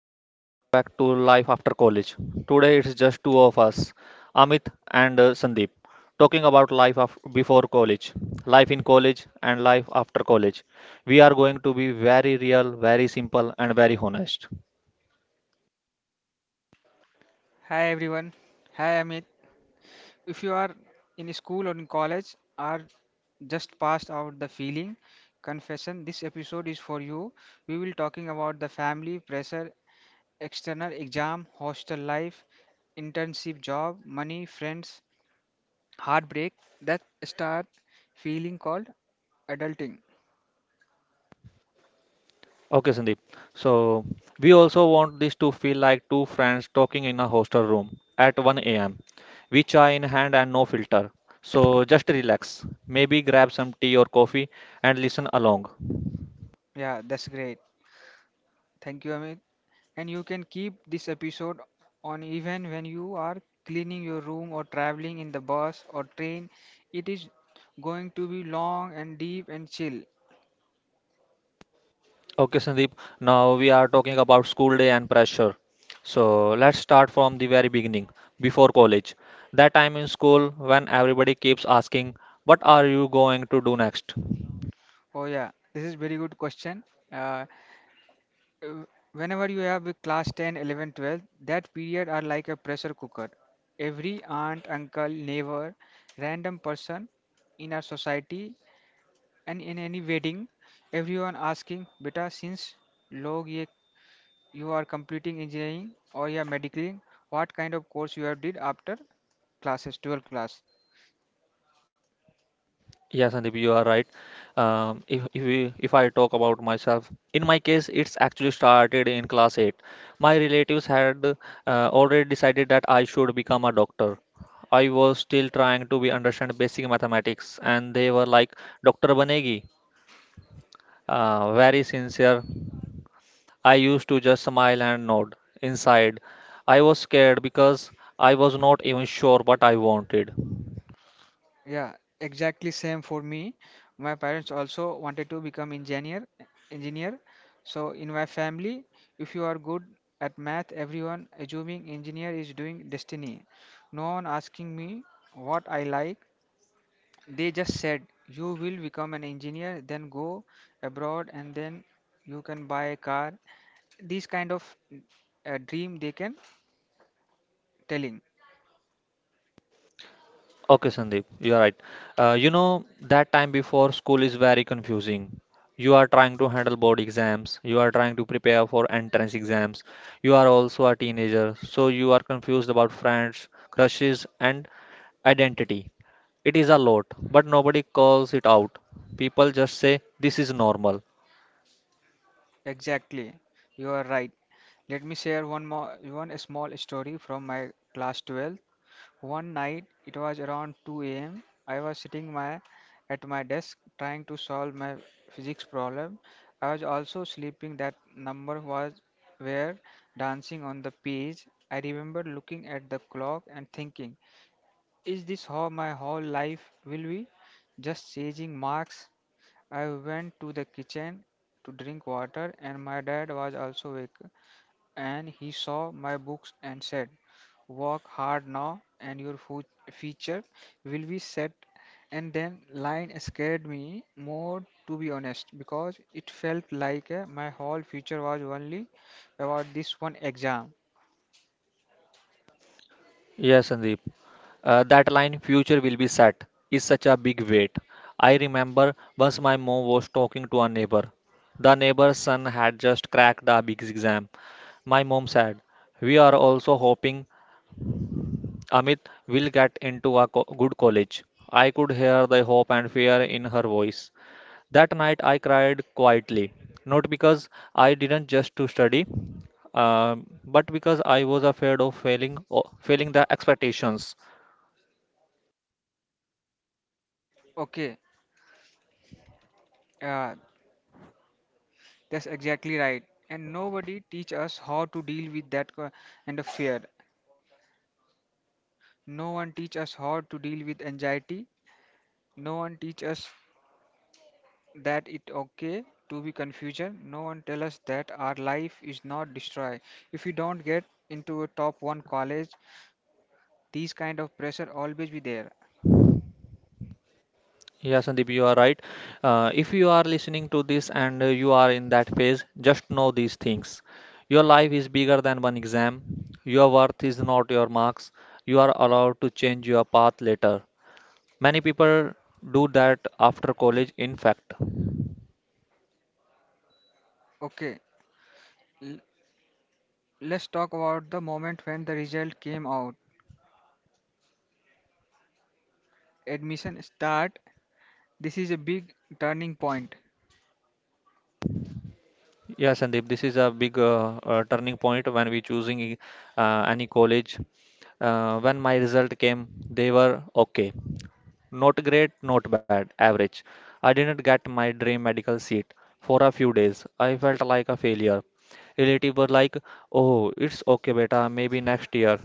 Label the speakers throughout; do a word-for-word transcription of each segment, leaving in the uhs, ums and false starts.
Speaker 1: everyone, welcome back to Life After College. Today it's just two of us, Amit and uh, Sandeep, talking about life af- before college, life in college, and life after college. We are going to be very real, very simple, and very honest.
Speaker 2: Hi everyone. Hi Amit. If you are in school or in college or just passed out the feeling, confession, this episode is for you. We will talking about the family, pressure, external exam, hostel life, internship job, money, friends, heartbreak. That start feeling called adulting.
Speaker 1: Okay, Sandeep. So we also want this to feel like two friends talking in a hostel room at one a m with chai in hand and no filter. So just relax, maybe grab some tea or coffee and listen along.
Speaker 2: Yeah, that's great. Thank you Amit. And you can keep this episode on even when you are cleaning your room or traveling in the bus or train. It is going to be long and deep and chill.
Speaker 1: Okay, Sandeep. Now we are talking about school day and pressure. So let's start from the very beginning, before college. That time in school when everybody keeps asking, "What are you going to do next?"
Speaker 2: Oh yeah, this is very good question. Uh, uh, Whenever you have a class ten, eleven, twelve, that period are like a pressure cooker. Every aunt, uncle, neighbor, random person in our society and in any wedding, everyone asking, "Beta, since log ye you are completing engineering or yeah medically what kind of course you have did after classes twelve class
Speaker 1: Yes, Sandeep, you are right. Um, if if we, if I talk about myself, in my case, it's actually started in class eight. My relatives had uh, already decided that I should become a doctor. I was still trying to be understand basic mathematics, and they were like, "Doctor banegi." Uh, very sincere. I used to just smile and nod. Inside, I was scared because I was not even sure what I wanted.
Speaker 2: yeah exactly same for me my parents also wanted to become engineer engineer so in my family if you are good at math everyone assuming engineer is doing destiny no one asking me what I like they just said you will become an engineer then go abroad and then you can buy a car these kind of a dream they can telling."
Speaker 1: Okay, Sandeep, you're right. Uh, you know, that time before school is very confusing. You are trying to handle board exams, you are trying to prepare for entrance exams, you are also a teenager, so you are confused about friends, crushes, and identity. It is a lot, but nobody calls it out. People just say this is normal.
Speaker 2: Exactly. You are right. Let me share one more one small story from my class twelve. One night it was around two a m. I was sitting my at my desk trying to solve my physics problem. I was also sleeping that number was where dancing on the page. I remember looking at the clock and thinking, is this how my whole life will be? Just chasing marks. I went to the kitchen to drink water, and my dad was also awake. And he saw my books and said, "Work hard now, and your fu- future will be set." And then line scared me more, to be honest, because it felt like uh, my whole future was only about this one exam.
Speaker 1: Yes, Sandeep. Uh, that line, future will be set, is such a big weight. I remember once my mom was talking to a neighbor. The neighbor's son had just cracked the big exam. My mom said, we are also hoping Amit will get into a co- good college. I could hear the hope and fear in her voice. That night I cried quietly, not because I didn't just to study, um, but because I was afraid of failing, o- failing the expectations.
Speaker 2: Okay, uh, that's exactly right. And nobody teach us how to deal with that co- and of fear. No one teach us how to deal with anxiety. No one teach us that it okay to be confusion. No one tell us that our life is not destroyed. If you don't get into a top one college, these kind of pressure always be there.
Speaker 1: Yeah, Sandeep, you are right. Uh, if you are listening to this and uh, you are in that phase, just know these things. Your life is bigger than one exam. Your worth is not your marks. You are allowed to change your path later. Many people do that after college, in fact.
Speaker 2: Okay, l- let's talk about the moment when the result came out. Admission start. This is a big turning point.
Speaker 1: Yeah, Sandeep, this is a big uh, uh, turning point when we choosing uh, any college. Uh, when my result came, they were okay. Not great, not bad, average. I didn't get my dream medical seat for a few days. I felt like a failure. Relatives were like, "Oh, it's okay, beta. Maybe next year.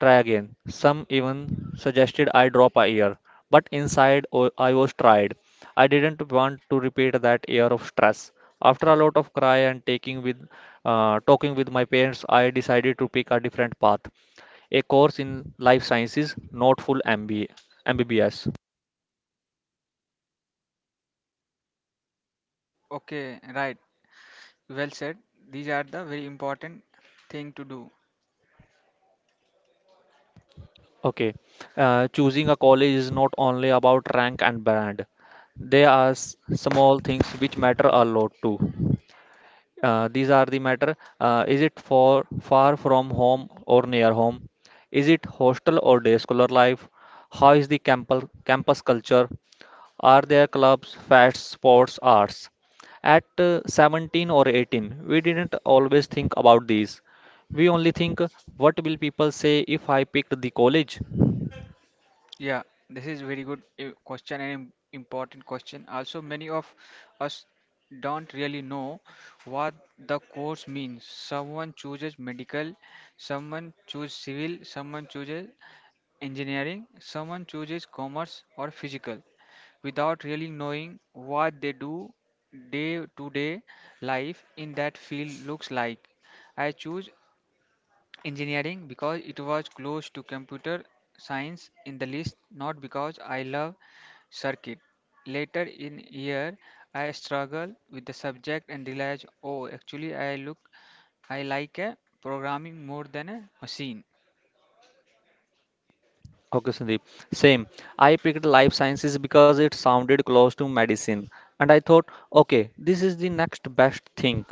Speaker 1: Try again." Some even suggested I drop a year, but inside oh, I was tried. I didn't want to repeat that year of stress. After a lot of cry and taking with uh, talking with my parents, I decided to pick a different path, a course in life sciences, not full M B A, M B B S.
Speaker 2: Okay, right. Well said. These are the very important thing to do.
Speaker 1: Okay. Uh, choosing a college is not only about rank and brand. There are s- small things which matter a lot too. Uh, these are the matter. Uh, is it for far from home or near home? Is it hostel or day scholar life? How is the campus campus culture? Are there clubs, fest, sports, arts? At uh, seventeen or eighteen, we didn't always think about these. We only think, what will people say if I picked the college?
Speaker 2: Yeah, this is very good uh, question and im- important question. Also, many of us don't really know what the course means. Someone chooses medical, someone chooses civil, someone chooses engineering, someone chooses commerce or physical without really knowing what they do day to day life in that field looks like. I choose engineering because it was close to computer science in the list, not because I love circuit. Later in year, I struggled with the subject and realized, oh, actually I look, I like a programming more than a machine.
Speaker 1: Okay, Sandeep. Same. I picked life sciences because it sounded close to medicine, and I thought, okay, this is the next best thing.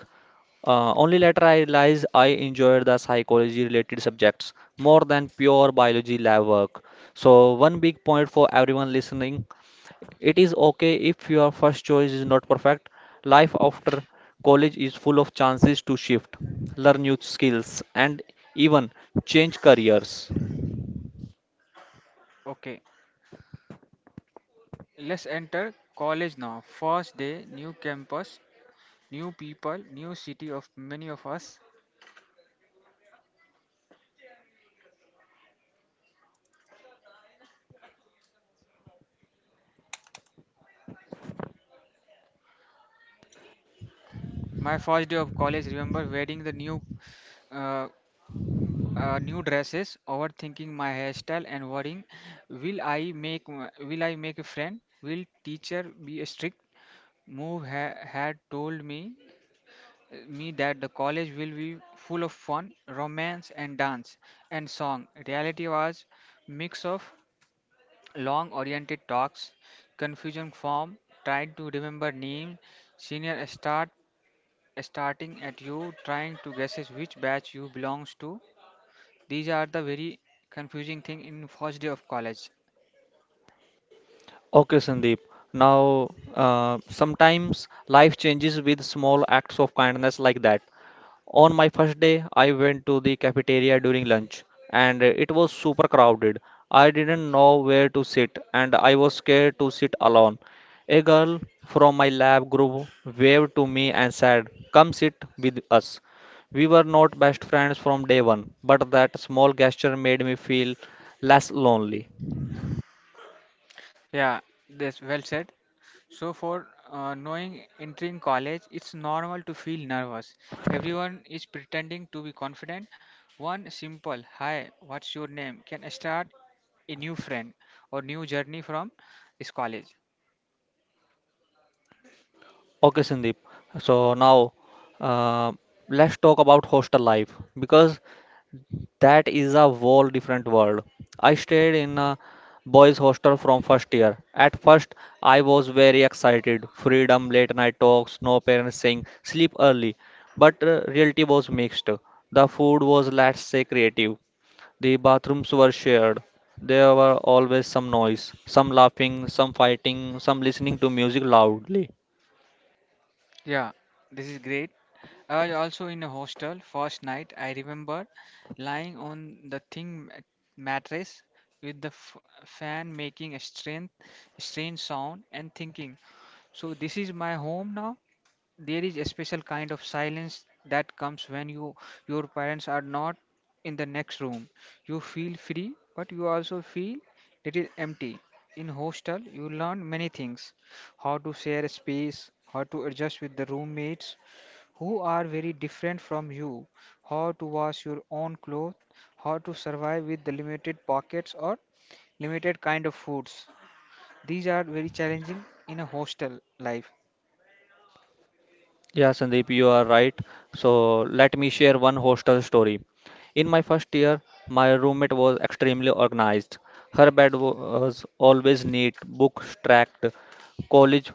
Speaker 1: Uh, only later I realized I enjoyed the psychology related subjects more than pure biology lab work. So, one big point for everyone listening it is okay if your first choice is not perfect. Life after college is full of chances to shift, learn new skills, and even change careers.
Speaker 2: Okay, let's enter college now. First day, new campus, new people, new city of many of us. My first day of college, remember wearing the new uh, uh, new dresses, overthinking my hairstyle, and worrying, will I make will I make a friend? Will teacher be strict? Move ha- had told me me that the college will be full of fun, romance, and dance and song. Reality was mix of long oriented talks, confusion form, trying to remember names, senior start starting at you, trying to guesses which batch you belongs to. These are the very confusing thing in first day of college.
Speaker 1: Okay, Sandeep. Now, uh, sometimes life changes with small acts of kindness like that. On my first day, I went to the cafeteria during lunch, and it was super crowded. I didn't know where to sit, and I was scared to sit alone. A girl from my lab group waved to me and said, come sit with us. We were not best friends from day one, but that small gesture made me feel less lonely.
Speaker 2: Yeah, that's well said. So for uh, knowing entering college, it's normal to feel nervous. Everyone is pretending to be confident. One simple "Hi, what's your name?" can start a new friend or new journey from this college.
Speaker 1: Okay, Sandeep. So now uh, let's talk about hostel life because that is a whole different world. I stayed in a boys' hostel from first year. At first, I was very excited. Freedom, late night talks, no parents saying sleep early. But uh, reality was mixed. The food was, let's say, creative. The bathrooms were shared. There were always some noise, some laughing, some fighting, some listening to music loudly.
Speaker 2: Yeah, this is great. I was also in a hostel first night. I remember lying on the thin mat- mattress with the f- fan making a strange, strange sound and thinking, so this is my home now. There is a special kind of silence that comes when you your parents are not in the next room. You feel free but you also feel little empty. In hostel you learn many things, how to share a space, how to adjust with the roommates who are very different from you, how to wash your own clothes, how to survive with the limited pockets or limited kind of foods. These are very challenging in a hostel life.
Speaker 1: Yeah, Sandeep, you are right. So let me share one hostel story. In my first year, my roommate was extremely organized. Her bed was always neat, books stacked, college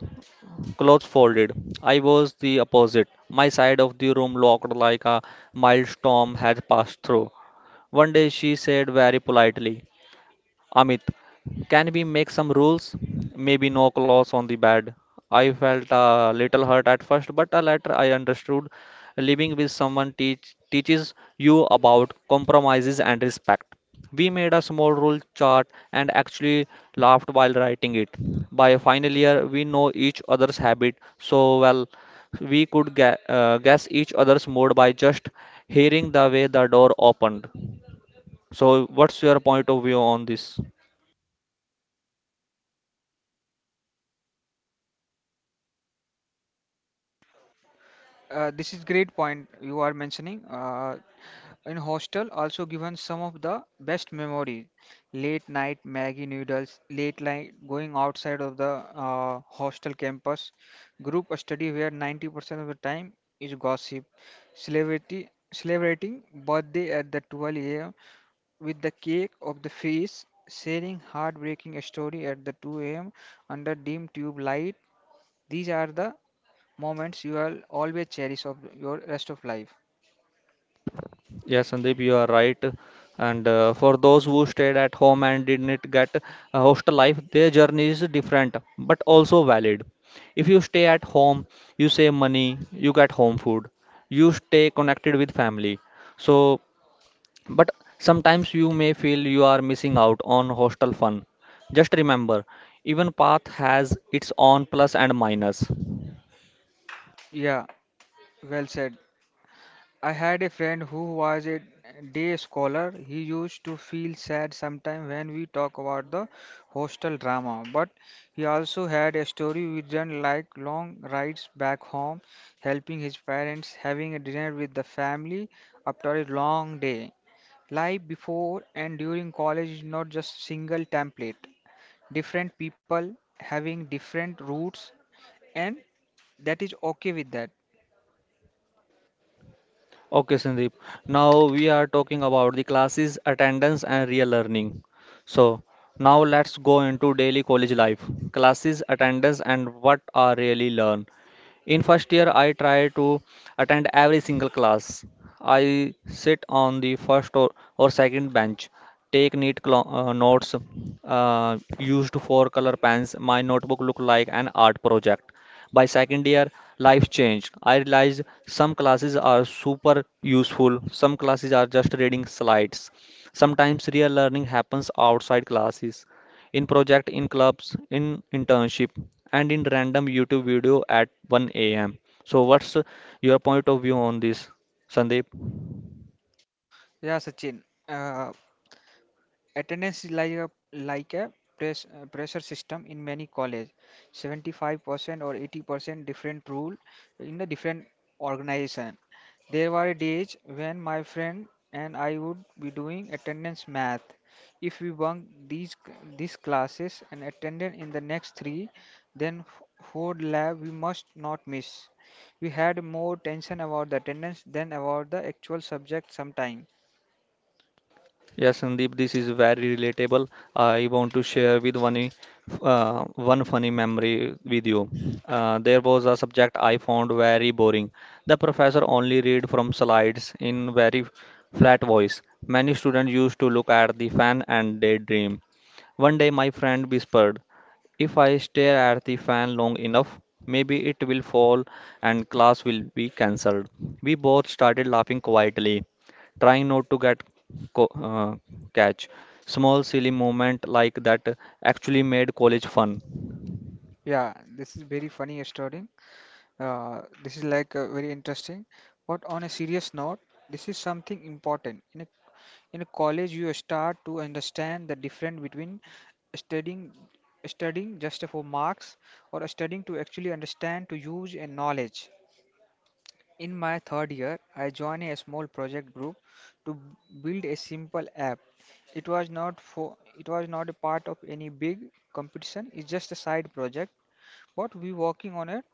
Speaker 1: clothes folded. I was the opposite. My side of the room looked like a mild storm had passed through. One day she said very politely, Amit, can we make some rules? Maybe no claws on the bed. I felt a little hurt at first, but uh, later I understood living with someone teach, teaches you about compromises and respect. We made a small rule chart and actually laughed while writing it. By final year, we know each other's habit so well we could ga- uh, guess each other's mood by just hearing the way the door opened. So, what's your point of view on this?
Speaker 2: Uh, this is great point you are mentioning. Uh, in hostel, also given some of the best memories. Late night Maggie noodles, late night going outside of the uh, hostel campus, group study where ninety percent of the time is gossip, celebrity, celebrating birthday at the twelve a m with the cake of the feast, sharing heartbreaking story at the two a m under dim tube light. These are the moments you'll always cherish of your rest of life.
Speaker 1: Yes, Sandeep, you are right. And uh, for those who stayed at home and didn't get a hostel life, their journey is different but also valid. If you stay at home, you save money, you get home food, you stay connected with family. So, but sometimes you may feel you are missing out on hostel fun. Just remember, even path has its own plus and minus.
Speaker 2: Yeah, well said. I had a friend who was a day scholar. He used to feel sad sometimes when we talk about the hostel drama, but he also had a story which run like long rides back home, helping his parents, having a dinner with the family after a long day. Life before and during college is not just single template. Different people having different roots, and that is okay with that.
Speaker 1: Okay, Sandeep. Now we are talking about the classes, attendance, and real learning. So now let's go into daily college life. Classes, attendance, and what are really learn. In first year, I try to attend every single class. I sit on the first or, or second bench, take neat clo- uh, notes, uh, used four color pens. My notebook look like an art project. By second year, life changed. I realized some classes are super useful, some classes are just reading slides. Sometimes real learning happens outside classes in project, in clubs, in internship, and in random YouTube video at one a m. So, what's your point of view on this, Sandeep?
Speaker 2: Yeah Sachin. uh, Attendance is like a like a press, uh, pressure system in many college. seventy-five percent or eighty percent different rule in the different organization. There were days when my friend and I would be doing attendance math. If we bunk these c- these classes and attended in the next three, then f- four lab we must not miss. We had more tension about the attendance than about the actual subject sometime.
Speaker 1: Yes, Sandeep, this is very relatable. I want to share with one, i- uh, one funny memory with you. Uh, there was a subject I found very boring. The professor only read from slides in very flat voice. Many students used to look at the fan and daydream. One day, my friend whispered, "If I stare at the fan long enough, maybe it will fall and class will be cancelled." We both started laughing quietly trying not to get co- uh, catch. Small silly moment like that actually made college fun.
Speaker 2: Yeah, this is very funny story. Uh, this is like uh, very interesting. But on a serious note, this is something important. In a, in a college, you start to understand the difference between studying studying just for marks or studying to actually understand to use and knowledge. In my third year, I joined a small project group to b- build a simple app. It was not for it was not a part of any big competition. It's just a side project. What we working on it,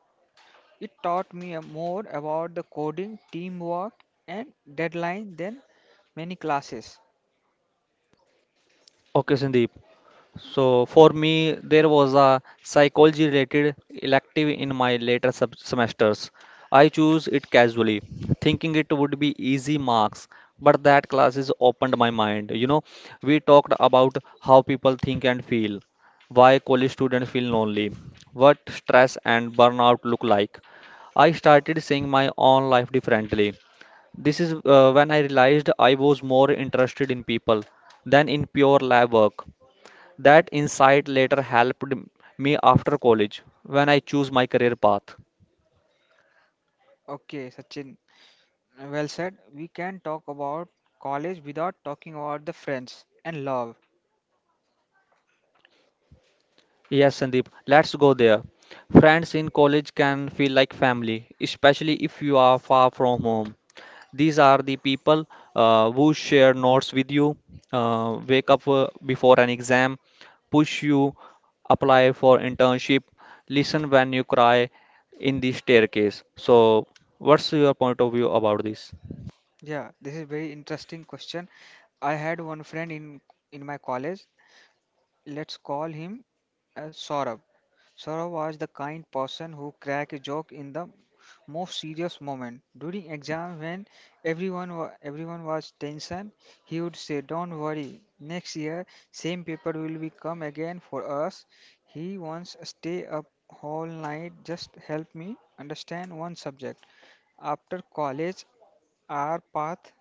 Speaker 2: it taught me a more about the coding, teamwork, and deadline than many classes.
Speaker 1: Okay, Sandeep. So for me, there was a psychology related elective in my later sub semesters. I chose it casually, thinking it would be easy marks, but that classes opened my mind. You know, we talked about how people think and feel, why college students feel lonely, what stress and burnout look like. I started seeing my own life differently. This is uh, when I realized I was more interested in people than in pure lab work. That insight later helped me after college when I choose my career path.
Speaker 2: Okay, Sachin, well said. We can talk about college without talking about the friends and love.
Speaker 1: Yes, Sandeep, let's go there. Friends in college can feel like family, especially if you are far from home. These are the people uh, who share notes with you, uh, wake up uh, before an exam, push you, apply for internship, listen when you cry in the staircase. So, what's your point of view about this?
Speaker 2: Yeah, this is very interesting question. I had one friend in in my college. Let's call him uh, Saurabh. Sora was the kind person who cracked a joke in the most serious moment. During exam when everyone wa- everyone was tension, he would say, "Don't worry, next year same paper will be come again for us." He once stay up whole night just help me understand one subject. After college, our path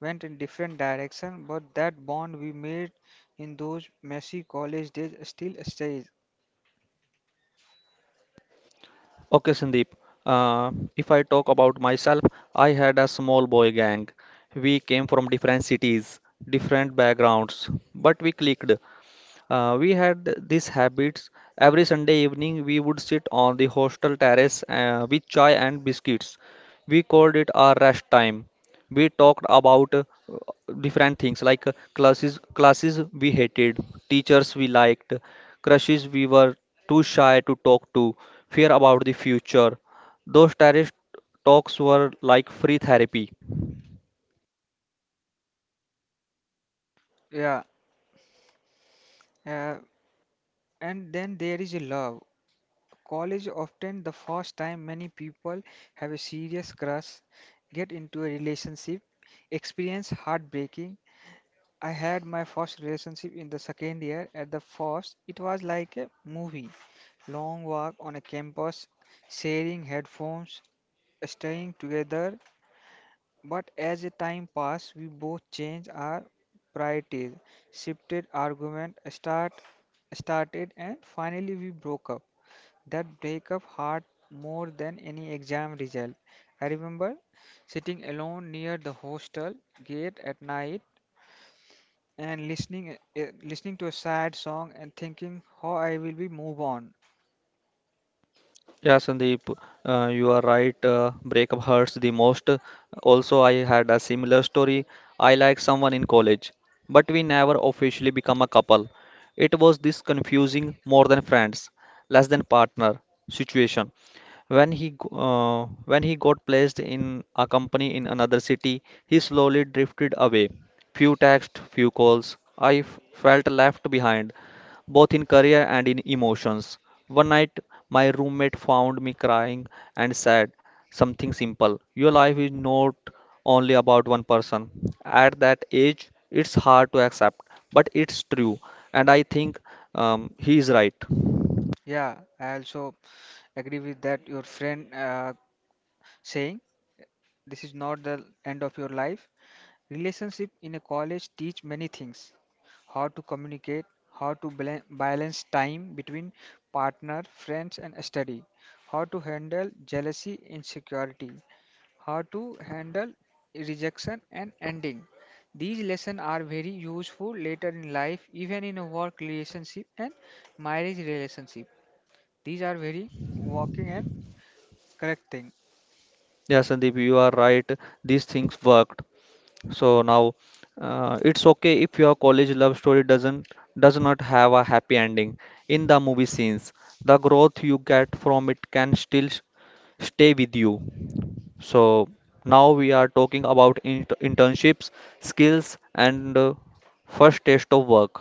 Speaker 2: went in different direction, but that bond we made in those messy college days still stays.
Speaker 1: Okay, Sandeep. Uh, if I talk about myself, I had a small boy gang. We came from different cities, different backgrounds, but we clicked. Uh, we had these habits. Every Sunday evening, we would sit on the hostel terrace uh, with chai and biscuits. We called it our rest time. We talked about uh, different things like uh, classes, classes we hated, teachers we liked, crushes we were too shy to talk to, fear about the future. Those terrace talks were like free therapy.
Speaker 2: Yeah, uh, and then there is love. College often the first time many people have a serious crush, get into a relationship, experience heartbreaking. I had my first relationship in the second year. At the first, it was like a movie. Long walk on a campus, sharing headphones, staying together. But as the time passed, we both changed our priorities, shifted argument, start started, and finally we broke up. That breakup hurt more than any exam result. I remember sitting alone near the hostel gate at night and listening uh, listening to a sad song and thinking how I will be move on.
Speaker 1: Yeah, Sandeep, uh, you are right. Uh, breakup hurts the most. Also, I had a similar story. I liked someone in college, but we never officially become a couple. It was this confusing, more than friends, less than partner situation. When he g- uh, when he got placed in a company in another city, he slowly drifted away. Few texts, few calls. I f- felt left behind, both in career and in emotions. One night, my roommate found me crying and said something simple. Your life is not only about one person. At that age, it's hard to accept, but it's true. And I think um, he is right.
Speaker 2: Yeah, I also agree with that your friend uh, saying this is not the end of your life. Relationship in a college teach many things. How to communicate, how to bala- balance time between partner, friends and study, how to handle jealousy, insecurity, how to handle rejection and ending. These lessons are very useful later in life, even in a work relationship and marriage relationship. These are very working and correct thing.
Speaker 1: Yeah, Sandeep, you are right. These things worked. So now, uh, it's okay if your college love story doesn't does not have a happy ending in the movie scenes. The growth you get from it can still s- stay with you. So now we are talking about int internships, skills, and uh, first taste of work.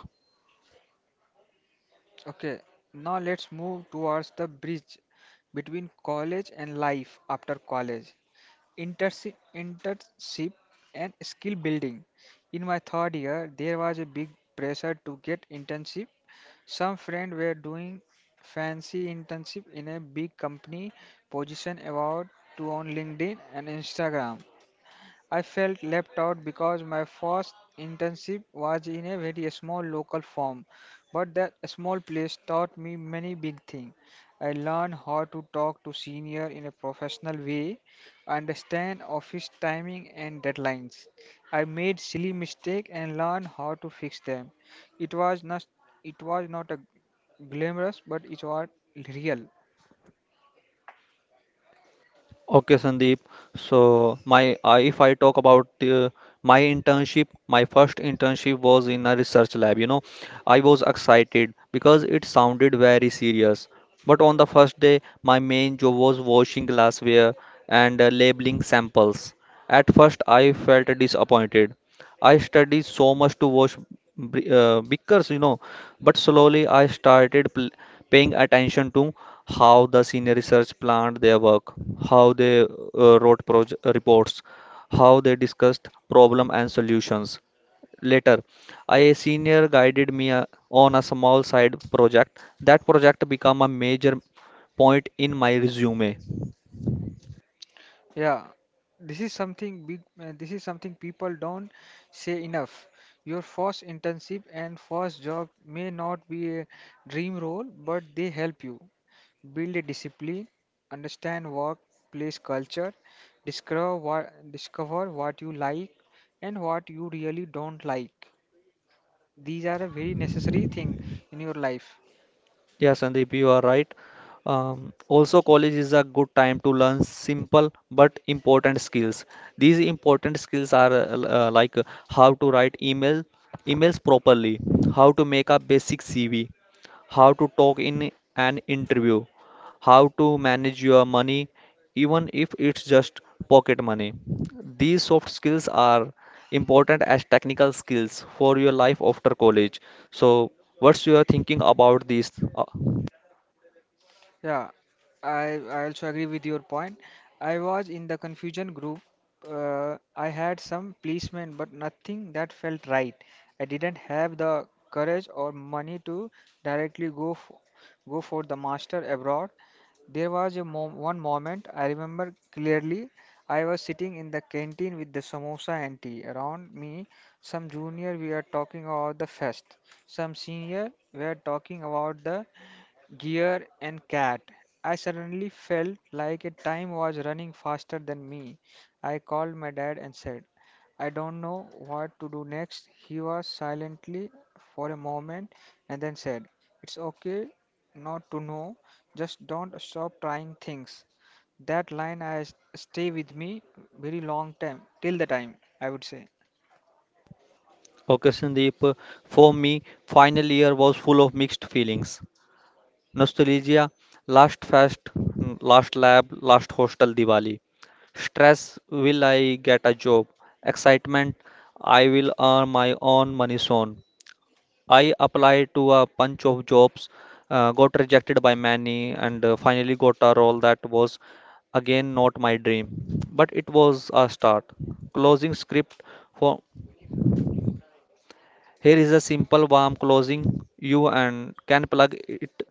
Speaker 2: Okay, now let's move towards the bridge between college and life after college, Intersi- internship and skill building. In my third year, there was a big pressure to get internship. Some friends were doing fancy internship in a big company, position about to on LinkedIn and Instagram. I felt left out because my first internship was in a very small local firm, but that small place taught me many big things. I learned how to talk to senior in a professional way, understand office timing and deadlines. I made silly mistakes and learned how to fix them. It was not it was not a glamorous, but it was real.
Speaker 1: Okay, Sandeep. So my uh, if I talk about uh, my internship, my first internship was in a research lab. You know, I was excited because it sounded very serious. But on the first day, my main job was washing glassware and, uh, labeling samples. At first, I felt disappointed. I studied so much to wash bri- uh, beakers, you know, but slowly I started pl paying attention to how the senior research planned their work, how they uh, wrote proje- uh, reports, how they discussed problem and solutions. Later, a senior guided me uh, on a small side project. That project became a major point in my resume.
Speaker 2: Yeah, this is something big. Uh, this is something people don't say enough. Your first internship and first job may not be a dream role, but they help you build a discipline, understand workplace culture, discover what discover what you like and what you really don't like. These are a very necessary thing in your life.
Speaker 1: Yeah, Sandeep, you are right. Um, also, college is a good time to learn simple but important skills. These important skills are uh, l- uh, like, uh, how to write email emails properly, how to make a basic C V, how to talk in an interview, how to manage your money, even if it's just pocket money. These soft skills are important as technical skills for your life after college. So, what's your thinking about this? Uh,
Speaker 2: Yeah, I, I also agree with your point. I was in the confusion group. Uh, I had some policemen, but nothing that felt right. I didn't have the courage or money to directly go f go for the master abroad. There was a mom one moment I remember clearly. I was sitting in the canteen with the samosa and tea. Around me, some junior we are talking about the fest. Some senior were talking about the Gear and cat. I suddenly felt like a time was running faster than me. I called my dad and said, "I don't know what to do next." He was silently for a moment and then said, "It's okay not to know, just don't stop trying things." That line has stay with me very long time till the time I would say.
Speaker 1: okay, Sandeep, for me, final year was full of mixed feelings. Nostalgia, last fest, mm, last lab, last hostel Diwali. Stress, will I get a job? Excitement, I will earn my own money soon. I applied to a bunch of jobs, uh, got rejected by many, and uh, finally got a role that was again not my dream. But it was a start. Closing script for. Here is a simple warm closing you and can plug it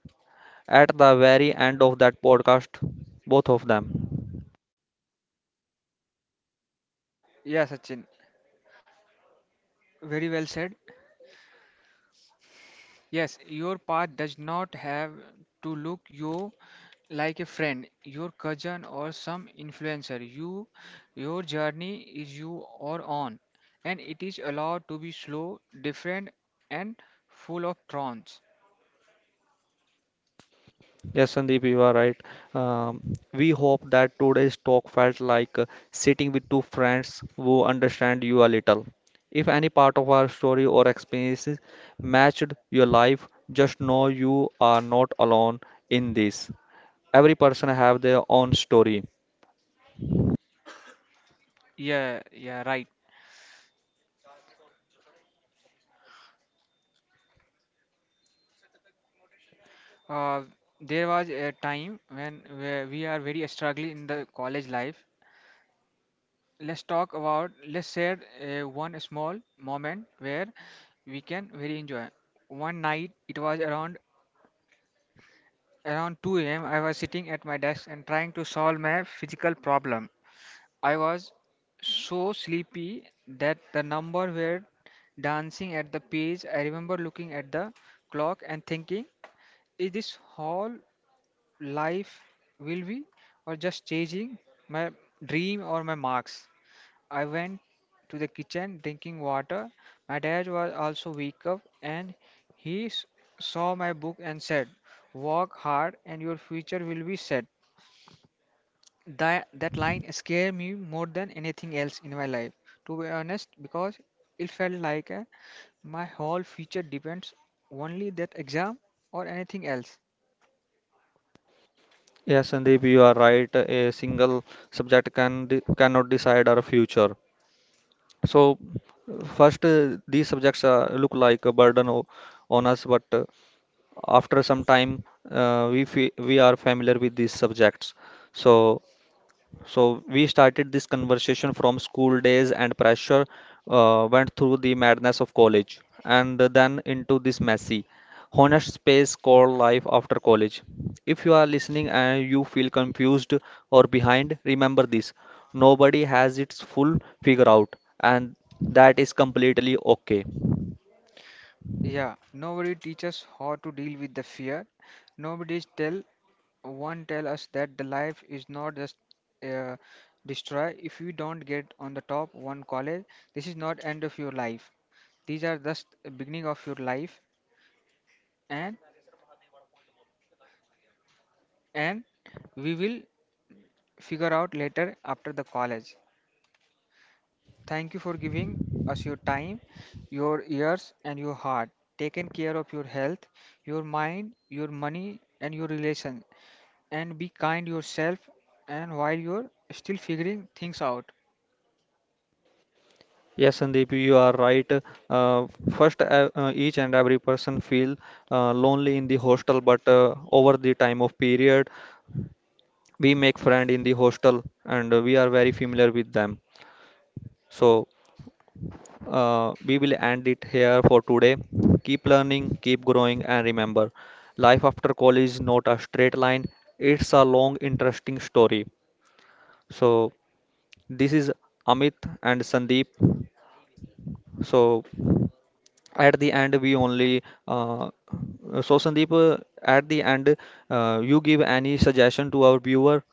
Speaker 1: at the very end of that podcast, both of them.
Speaker 2: Yeah, Sachin, very well said. Yes, your path does not have to look you like a friend, your cousin or some influencer. You your journey is you or on and it is allowed to be slow, different and full of thorns.
Speaker 1: Yes, Sandeep, you are right. Um, we hope that today's talk felt like uh, sitting with two friends who understand you a little. If any part of our story or experiences matched your life, just know you are not alone in this. Every person have their own story.
Speaker 2: Yeah, yeah, right. Uh, there was a time when where we are very struggling in the college life. Let's talk about let's share uh, one small moment where we can very enjoy. One night, it was around around two a m, I was sitting at my desk and trying to solve my physical problem. I was so sleepy that the numbers were dancing at the page. I remember looking at the clock and thinking, is this whole life will be or just chasing my dream or my marks? I went to the kitchen drinking water. My dad was also wake up and he s- saw my book and said, "Work hard and your future will be set." That, that line scared me more than anything else in my life, to be honest, because it felt like uh, my whole future depends only that exam or anything else.
Speaker 1: Yes, Sandeep, you are right. A single subject can de- cannot decide our future. So, uh, first, uh, these subjects uh, look like a burden o- on us, but, uh, after some time, uh, we fe we are familiar with these subjects. So, so we started this conversation from school days and pressure, uh, went through the madness of college, and then into this messy, honest space called life after college. If you are listening and you feel confused or behind, remember this. Nobody has its full figure out, and that is completely okay.
Speaker 2: Yeah, nobody teaches how to deal with the fear. Nobody tell One tell us that the life is not just uh, destroy if you don't get on the top one college. This is not end of your life. These are just the beginning of your life, and and we will figure out later after the college. Thank you for giving us your time, your ears, and your heart. Taking care of your health, your mind, your money, and your relation. And be kind yourself, and while you're still figuring things out.
Speaker 1: Yes, Sandeep, you are right. Uh, first, uh, uh, each and every person feel uh, lonely in the hostel, but, uh, over the time of period, we make friend in the hostel and, uh, we are very familiar with them. So, uh, we will end it here for today. Keep learning, keep growing, and remember, life after college is not a straight line. It's a long interesting story. So this is Amit and Sandeep. So at the end we only, uh, so Sandeep, uh, at the end, uh, you give any suggestion to our viewer.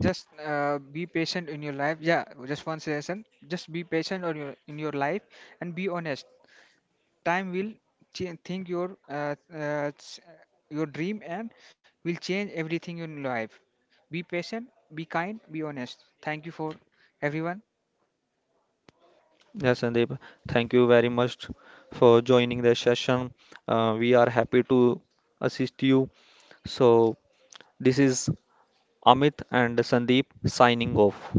Speaker 2: Just uh, be patient in your life. Yeah, just one suggestion. Just be patient on your in your life and be honest. Time will change think your uh, uh, ch- your dream and will change everything in life. Be patient, be kind, be honest. Thank you for everyone.
Speaker 1: Yeah, Sandeep, thank you very much for joining the session. Uh, we are happy to assist you. So, this is Amit and Sandeep signing off.